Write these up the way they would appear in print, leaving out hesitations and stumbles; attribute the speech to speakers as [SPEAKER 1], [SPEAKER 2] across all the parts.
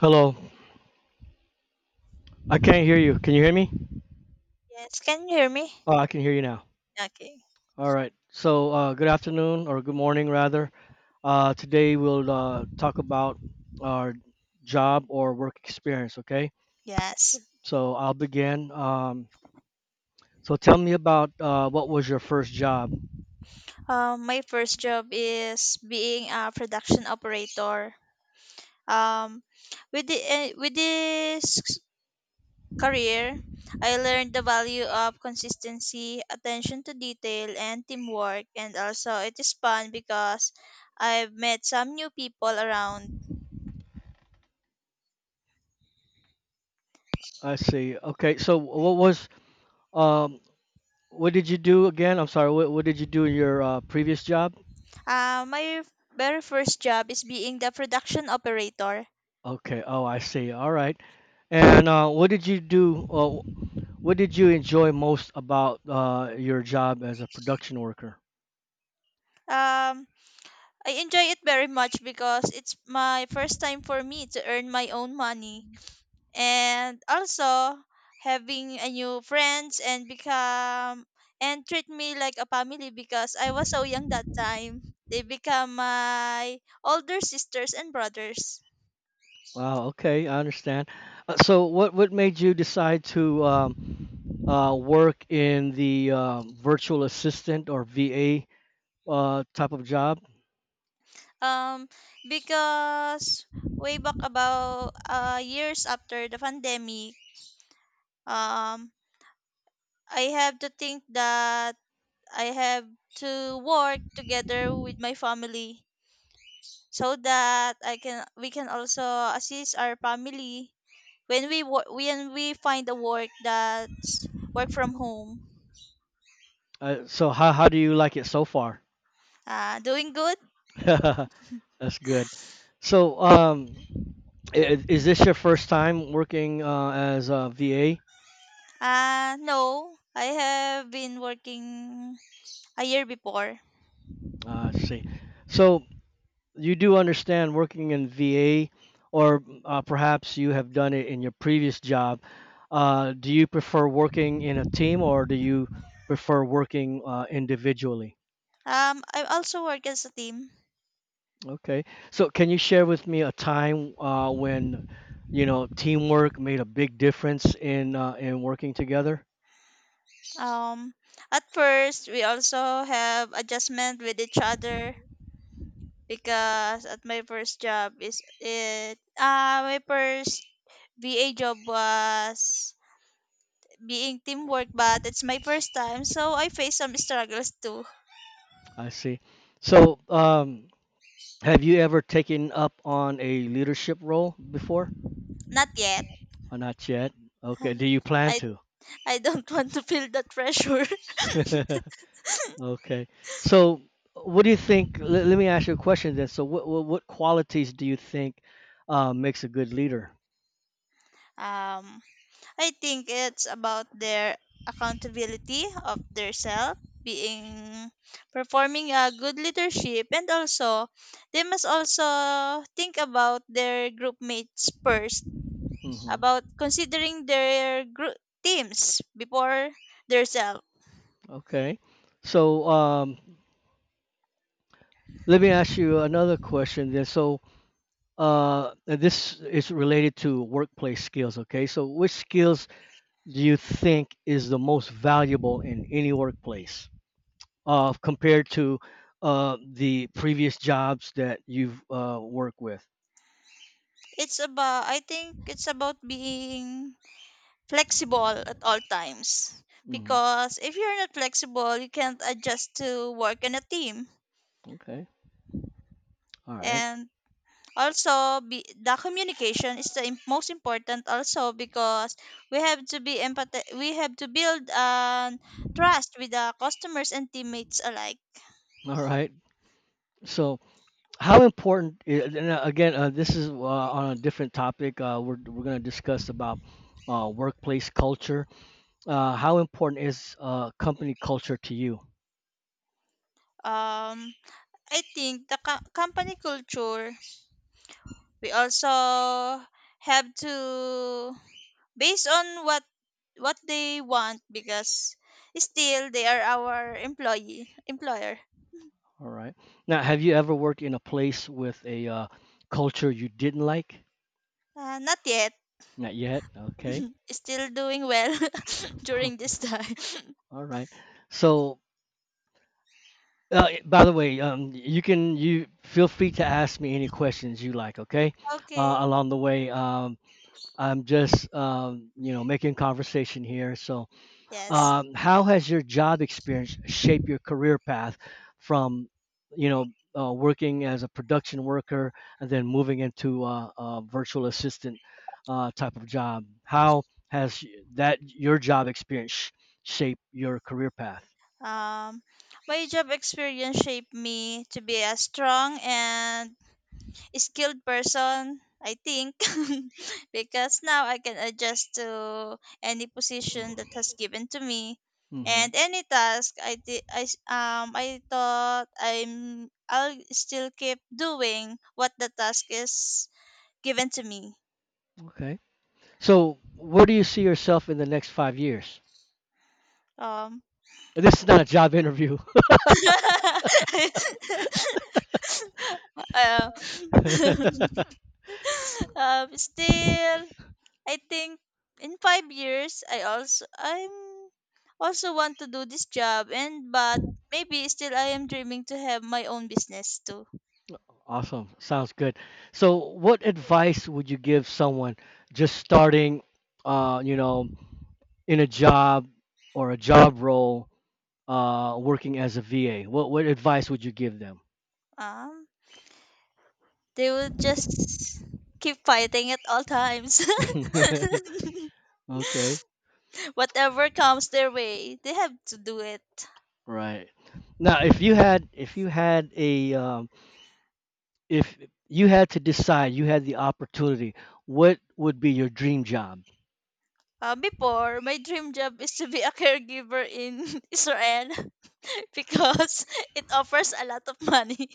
[SPEAKER 1] Hello. I can't hear you. Can you hear me?
[SPEAKER 2] Yes, can you hear me?
[SPEAKER 1] Oh, I can hear you now.
[SPEAKER 2] Okay.
[SPEAKER 1] All right. Good afternoon or good morning, rather. Today we'll talk about our job or work experience. Okay.
[SPEAKER 2] Yes.
[SPEAKER 1] So I'll begin. So tell me about what was your first job?
[SPEAKER 2] My first job is being a production operator. Um, with this career, I learned the value of consistency, attention to detail, and teamwork. And also, it is fun because I've met some new people around.
[SPEAKER 1] I see. Okay. So what was um, what did you do again? I'm sorry. What did you do in your previous job?
[SPEAKER 2] My very first job is being the production operator.
[SPEAKER 1] Okay. Oh, I see. All right. And what did you do? What did you enjoy most about your job as a production worker?
[SPEAKER 2] Um, I enjoy it very much because it's my first time for me to earn my own money, and also having a new friends and become and treat me like a family because I was so young that time. They become my older sisters and brothers.
[SPEAKER 1] Wow, okay, I understand. So, what made you decide to work in the virtual assistant or VA type of job?
[SPEAKER 2] Um because way back about years after the pandemic, um I have to think that I have to work together with my family so that I can we can also assist our family when we find a work that's work from home.
[SPEAKER 1] So, how do you like it so far?
[SPEAKER 2] Doing good?
[SPEAKER 1] That's good. So, is this your first time working as a VA?
[SPEAKER 2] No, I have been working a year before.
[SPEAKER 1] I see. So, you do understand working in VA, or perhaps you have done it in your previous job. Do you prefer working in a team or do you prefer working individually?
[SPEAKER 2] I also work as a team.
[SPEAKER 1] Okay. So, can you share with me a time when you know teamwork made a big difference in working together?
[SPEAKER 2] Um, at first, we also have adjustment with each other because at my first job is it my first VA job was being teamwork, but it's my first time, so I face some struggles too.
[SPEAKER 1] I see. So, have you ever taken up on a leadership role before?
[SPEAKER 2] Not yet.
[SPEAKER 1] Or not yet? Okay. Do you plan
[SPEAKER 2] I I don't want to feel that pressure.
[SPEAKER 1] to? Okay. So, what do you think? Let me ask you a question then. So, what qualities do you think makes a good leader?
[SPEAKER 2] Um, I think it's about their accountability of their self, being performing a good leadership, and also they must also think about their group mates first,
[SPEAKER 1] hmm
[SPEAKER 2] about considering their group teams before their self.
[SPEAKER 1] Okay. So, let me ask you another question then. So, and this is related to workplace skills. Okay. So, which skills do you think is the most valuable in any workplace compared to the previous jobs that you've worked with?
[SPEAKER 2] It's about, I think it's about being flexible at all times
[SPEAKER 1] hmm
[SPEAKER 2] because if you're not flexible you can't adjust to work in a team.
[SPEAKER 1] Okay. All right.
[SPEAKER 2] And also, the communication is the im- most important also because we have to we have to build trust with the customers and teammates alike.
[SPEAKER 1] All right. So, how important? I- And again, this is on a different topic. We're going to discuss about workplace culture. How important is company culture to you?
[SPEAKER 2] um I think the company culture, we also have to based on what they want because still they are our employee employer.
[SPEAKER 1] All right. Now, have you ever worked in a place with a culture you didn't like?
[SPEAKER 2] Not yet.
[SPEAKER 1] Not yet. Okay.
[SPEAKER 2] Still doing well
[SPEAKER 1] All
[SPEAKER 2] during this time.
[SPEAKER 1] right. So, by the way, you can you feel free to ask me any questions you like. Okay.
[SPEAKER 2] Okay.
[SPEAKER 1] Along the way, I'm just, you know, making conversation here. So,
[SPEAKER 2] Yes.
[SPEAKER 1] how has your job experience shaped your career path from, you know, working as a production worker and then moving into a virtual assistant type of job? How has y- that your job experience shaped your career path?
[SPEAKER 2] Um my job experience shaped me to be a strong and skilled person, I think, because now I can adjust to any position that has given to me,
[SPEAKER 1] Mm-hmm.
[SPEAKER 2] and any task I did. I s- I thought I'm I'll still keep doing what the task is given to me.
[SPEAKER 1] Okay. So, where do you see yourself in the next 5 years?
[SPEAKER 2] Um.
[SPEAKER 1] This is not a job interview.
[SPEAKER 2] uh, still I think in 5 years I'm also want to do this job, and but maybe still I am dreaming to have my own business too.
[SPEAKER 1] Awesome. Sounds good. So, what advice would you give someone just starting, you know, in a job or a job role, working as a VA? What advice would you give them?
[SPEAKER 2] Um they will just keep fighting at all times.
[SPEAKER 1] Okay.
[SPEAKER 2] Whatever comes their way, they have to do it.
[SPEAKER 1] Right. Now, if you had a if you had to decide, you had the opportunity, what would be your dream job?
[SPEAKER 2] Before my dream job is to be a caregiver in Israel because it offers a lot of money.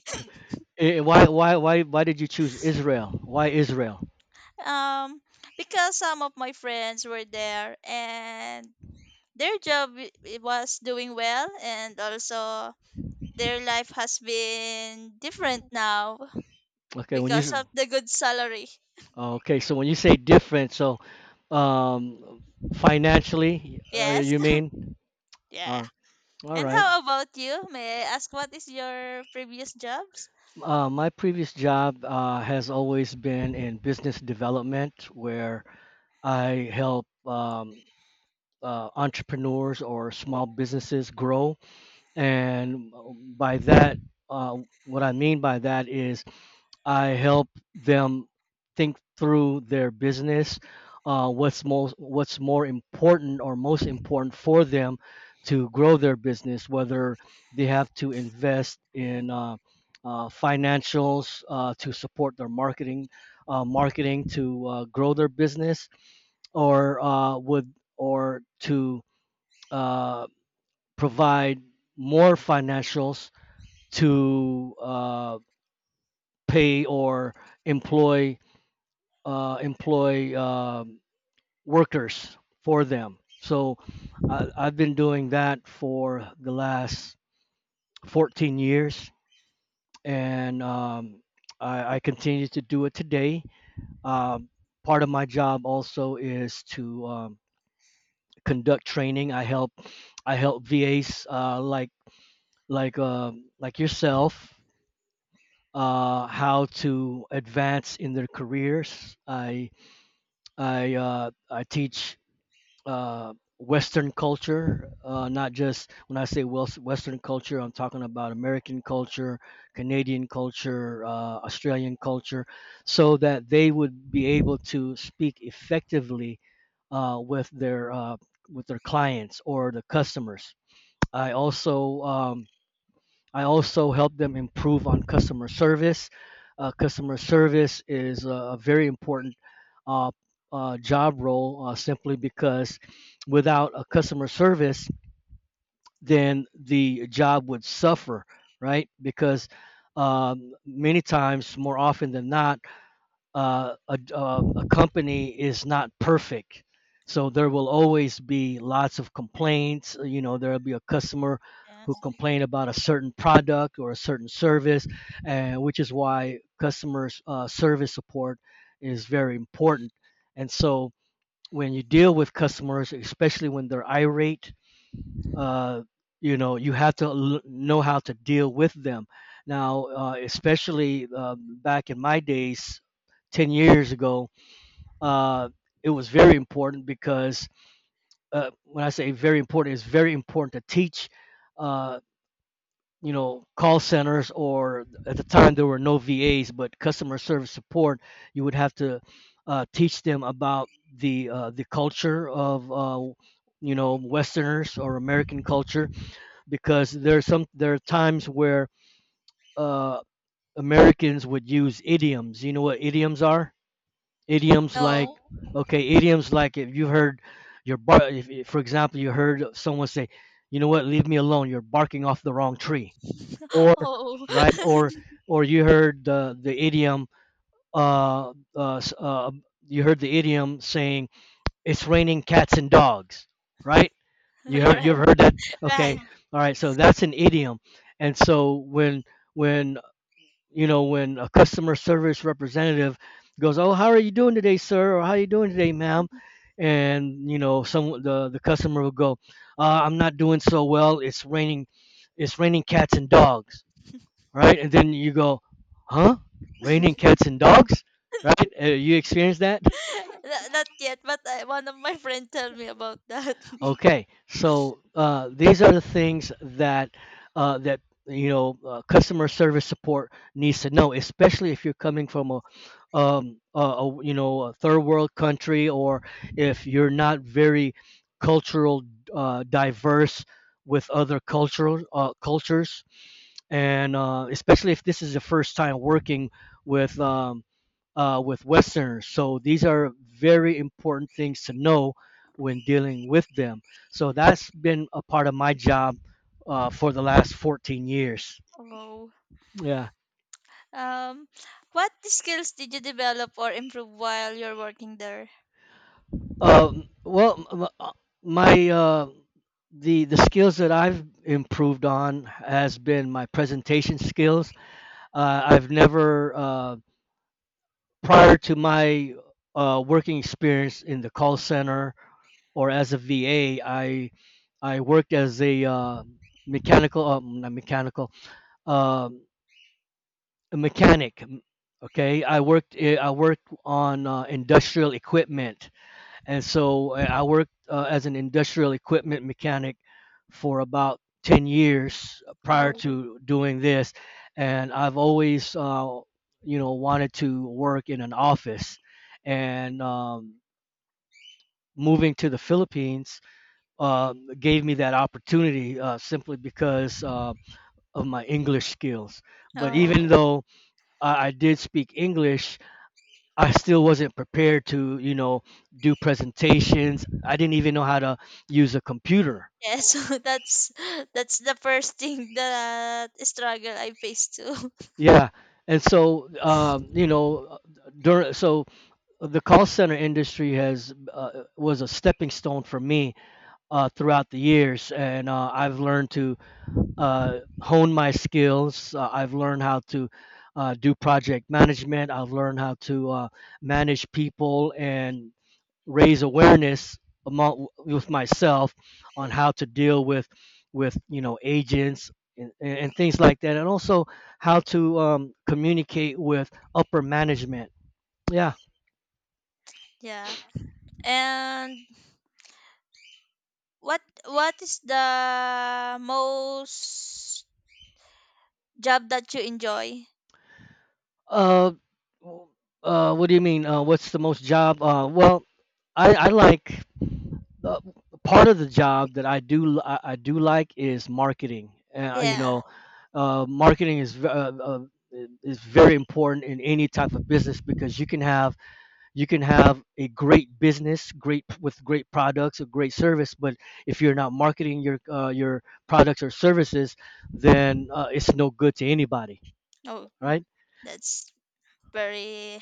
[SPEAKER 1] Why did you choose Israel? Why Israel?
[SPEAKER 2] um because some of my friends were there and their was doing well, and also their life has been different now
[SPEAKER 1] Okay, when you
[SPEAKER 2] because
[SPEAKER 1] s-
[SPEAKER 2] of the good salary.
[SPEAKER 1] Okay, so when you say different, so um, financially,
[SPEAKER 2] Yes.
[SPEAKER 1] you mean? All
[SPEAKER 2] Yeah.
[SPEAKER 1] right. All
[SPEAKER 2] And
[SPEAKER 1] right.
[SPEAKER 2] how about you, may I ask, what is your previous jobs?
[SPEAKER 1] My previous job has always been in business development, where I help entrepreneurs or small businesses grow. And by that, what I mean by that is I help them think through their business, what's more important or most important for them to grow their business, whether they have to invest in financials to support their marketing, marketing to grow their business, or uh, would or to uh, provide more financials to pay or employ uh, employ um, workers for them. So I've been doing that for the last 14 years, and I continue to do it today. Um, part of my job also is to conduct training. I help VAs like like yourself how to advance in their careers. I teach Western culture, not just when I say Western culture, I'm talking about American culture, Canadian culture, Australian culture, so that they would be able to speak effectively uh, with their uh, with their clients or the customers. I also um, I also help them improve on customer service. Customer service is a very important uh, job role simply because without a customer service, then the job would suffer, right? Because many times, more often than not, a company is not perfect. So there will always be lots of complaints. You know, there'll be a customer who
[SPEAKER 2] Yes.
[SPEAKER 1] complain about a certain product or a certain service, and which is why customer service support is very important. And so when you deal with customers, especially when they're irate, uh, you know you have to know how to deal with them. Now especially back in my days 10 years ago, uh, it was very important because when I say very important it's very important to teach, uh, you know, call centers, or at the time there were no vas, but customer service support, you would have to teach them about the culture of, you know, westerners or american culture, because there are some there are times where uh, Americans would use idioms. You know what idioms are? Idioms like,
[SPEAKER 2] No.
[SPEAKER 1] okay, idioms like if you heard if, for example, you heard someone say, "You know what? Leave me alone. You're barking off the wrong tree," or
[SPEAKER 2] Oh.
[SPEAKER 1] right, or you heard the idiom. Uh, uh, s- uh, you heard the idiom saying, "It's raining cats and dogs," right?
[SPEAKER 2] You're right.
[SPEAKER 1] You've heard that? Okay.
[SPEAKER 2] Right.
[SPEAKER 1] All right. So that's an idiom. And so when you know when a customer service representative goes, "Oh, how are you doing today, sir?" or "How are you doing today, ma'am?" And you know some the customer will go, "I'm not doing so well. It's raining. It's raining cats and dogs." Right? And then you go, "Huh? Raining cats and dogs?" Right? You experience that?
[SPEAKER 2] Not not yet, but one of my friends tell me about that.
[SPEAKER 1] Okay, so these are the things that uh, that you know customer service support needs to know, especially if you're coming from a, a, you know, a third world country, or if you're not very cultural, diverse with other cultural cultures, and especially if this is the first time working with. With Westerners. So these are very important things to know when dealing with them. So that's been a part of my job for the last 14 years.
[SPEAKER 2] Oh.
[SPEAKER 1] Yeah.
[SPEAKER 2] Um, what skills did you develop or improve while you're working there?
[SPEAKER 1] Well, my the skills that I've improved on has been my presentation skills. I've never Prior to my working experience in the call center or as a VA, I worked as a mechanical, not mechanical, um, a mechanic. Okay, I worked worked on industrial equipment, and so I worked as an industrial equipment mechanic for about 10 years prior
[SPEAKER 2] Oh,
[SPEAKER 1] to doing this, and I've always you know wanted to work in an office, and moving to the Philippines gave me that opportunity simply because of my English skills. But
[SPEAKER 2] oh,
[SPEAKER 1] even though I did speak English, I still wasn't prepared to, you know, do presentations. I didn't even know how to use a computer.
[SPEAKER 2] yeah. So that's the first thing that struggle I faced too.
[SPEAKER 1] Yeah. And so, you know, during, so the call center industry has was a stepping stone for me throughout the years, and I've learned to honed my skills. I've learned how to do project management. I've learned how to manage people and raise awareness among with myself on how to deal with you know agents and things like that, and also how to communicate with upper management. Yeah.
[SPEAKER 2] Yeah. And what is the most job that you enjoy?
[SPEAKER 1] Uh, what do you mean? What's the most job? Well, I like, uh, part of the job that I do I do like is marketing. You
[SPEAKER 2] Yeah.
[SPEAKER 1] know, marketing is very important in any type of business because you can have a great business, great with great products, a great service, but if you're not marketing your products or services, then it's no good to anybody,
[SPEAKER 2] Oh,
[SPEAKER 1] right?
[SPEAKER 2] that's very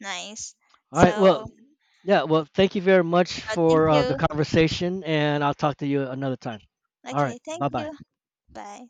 [SPEAKER 2] nice.
[SPEAKER 1] All right. Well,
[SPEAKER 2] So,
[SPEAKER 1] yeah. Well, thank you very much
[SPEAKER 2] thank
[SPEAKER 1] for the
[SPEAKER 2] you.
[SPEAKER 1] conversation, and I'll talk to you another time. All right.
[SPEAKER 2] Okay, thank
[SPEAKER 1] Bye bye.
[SPEAKER 2] you. Bye.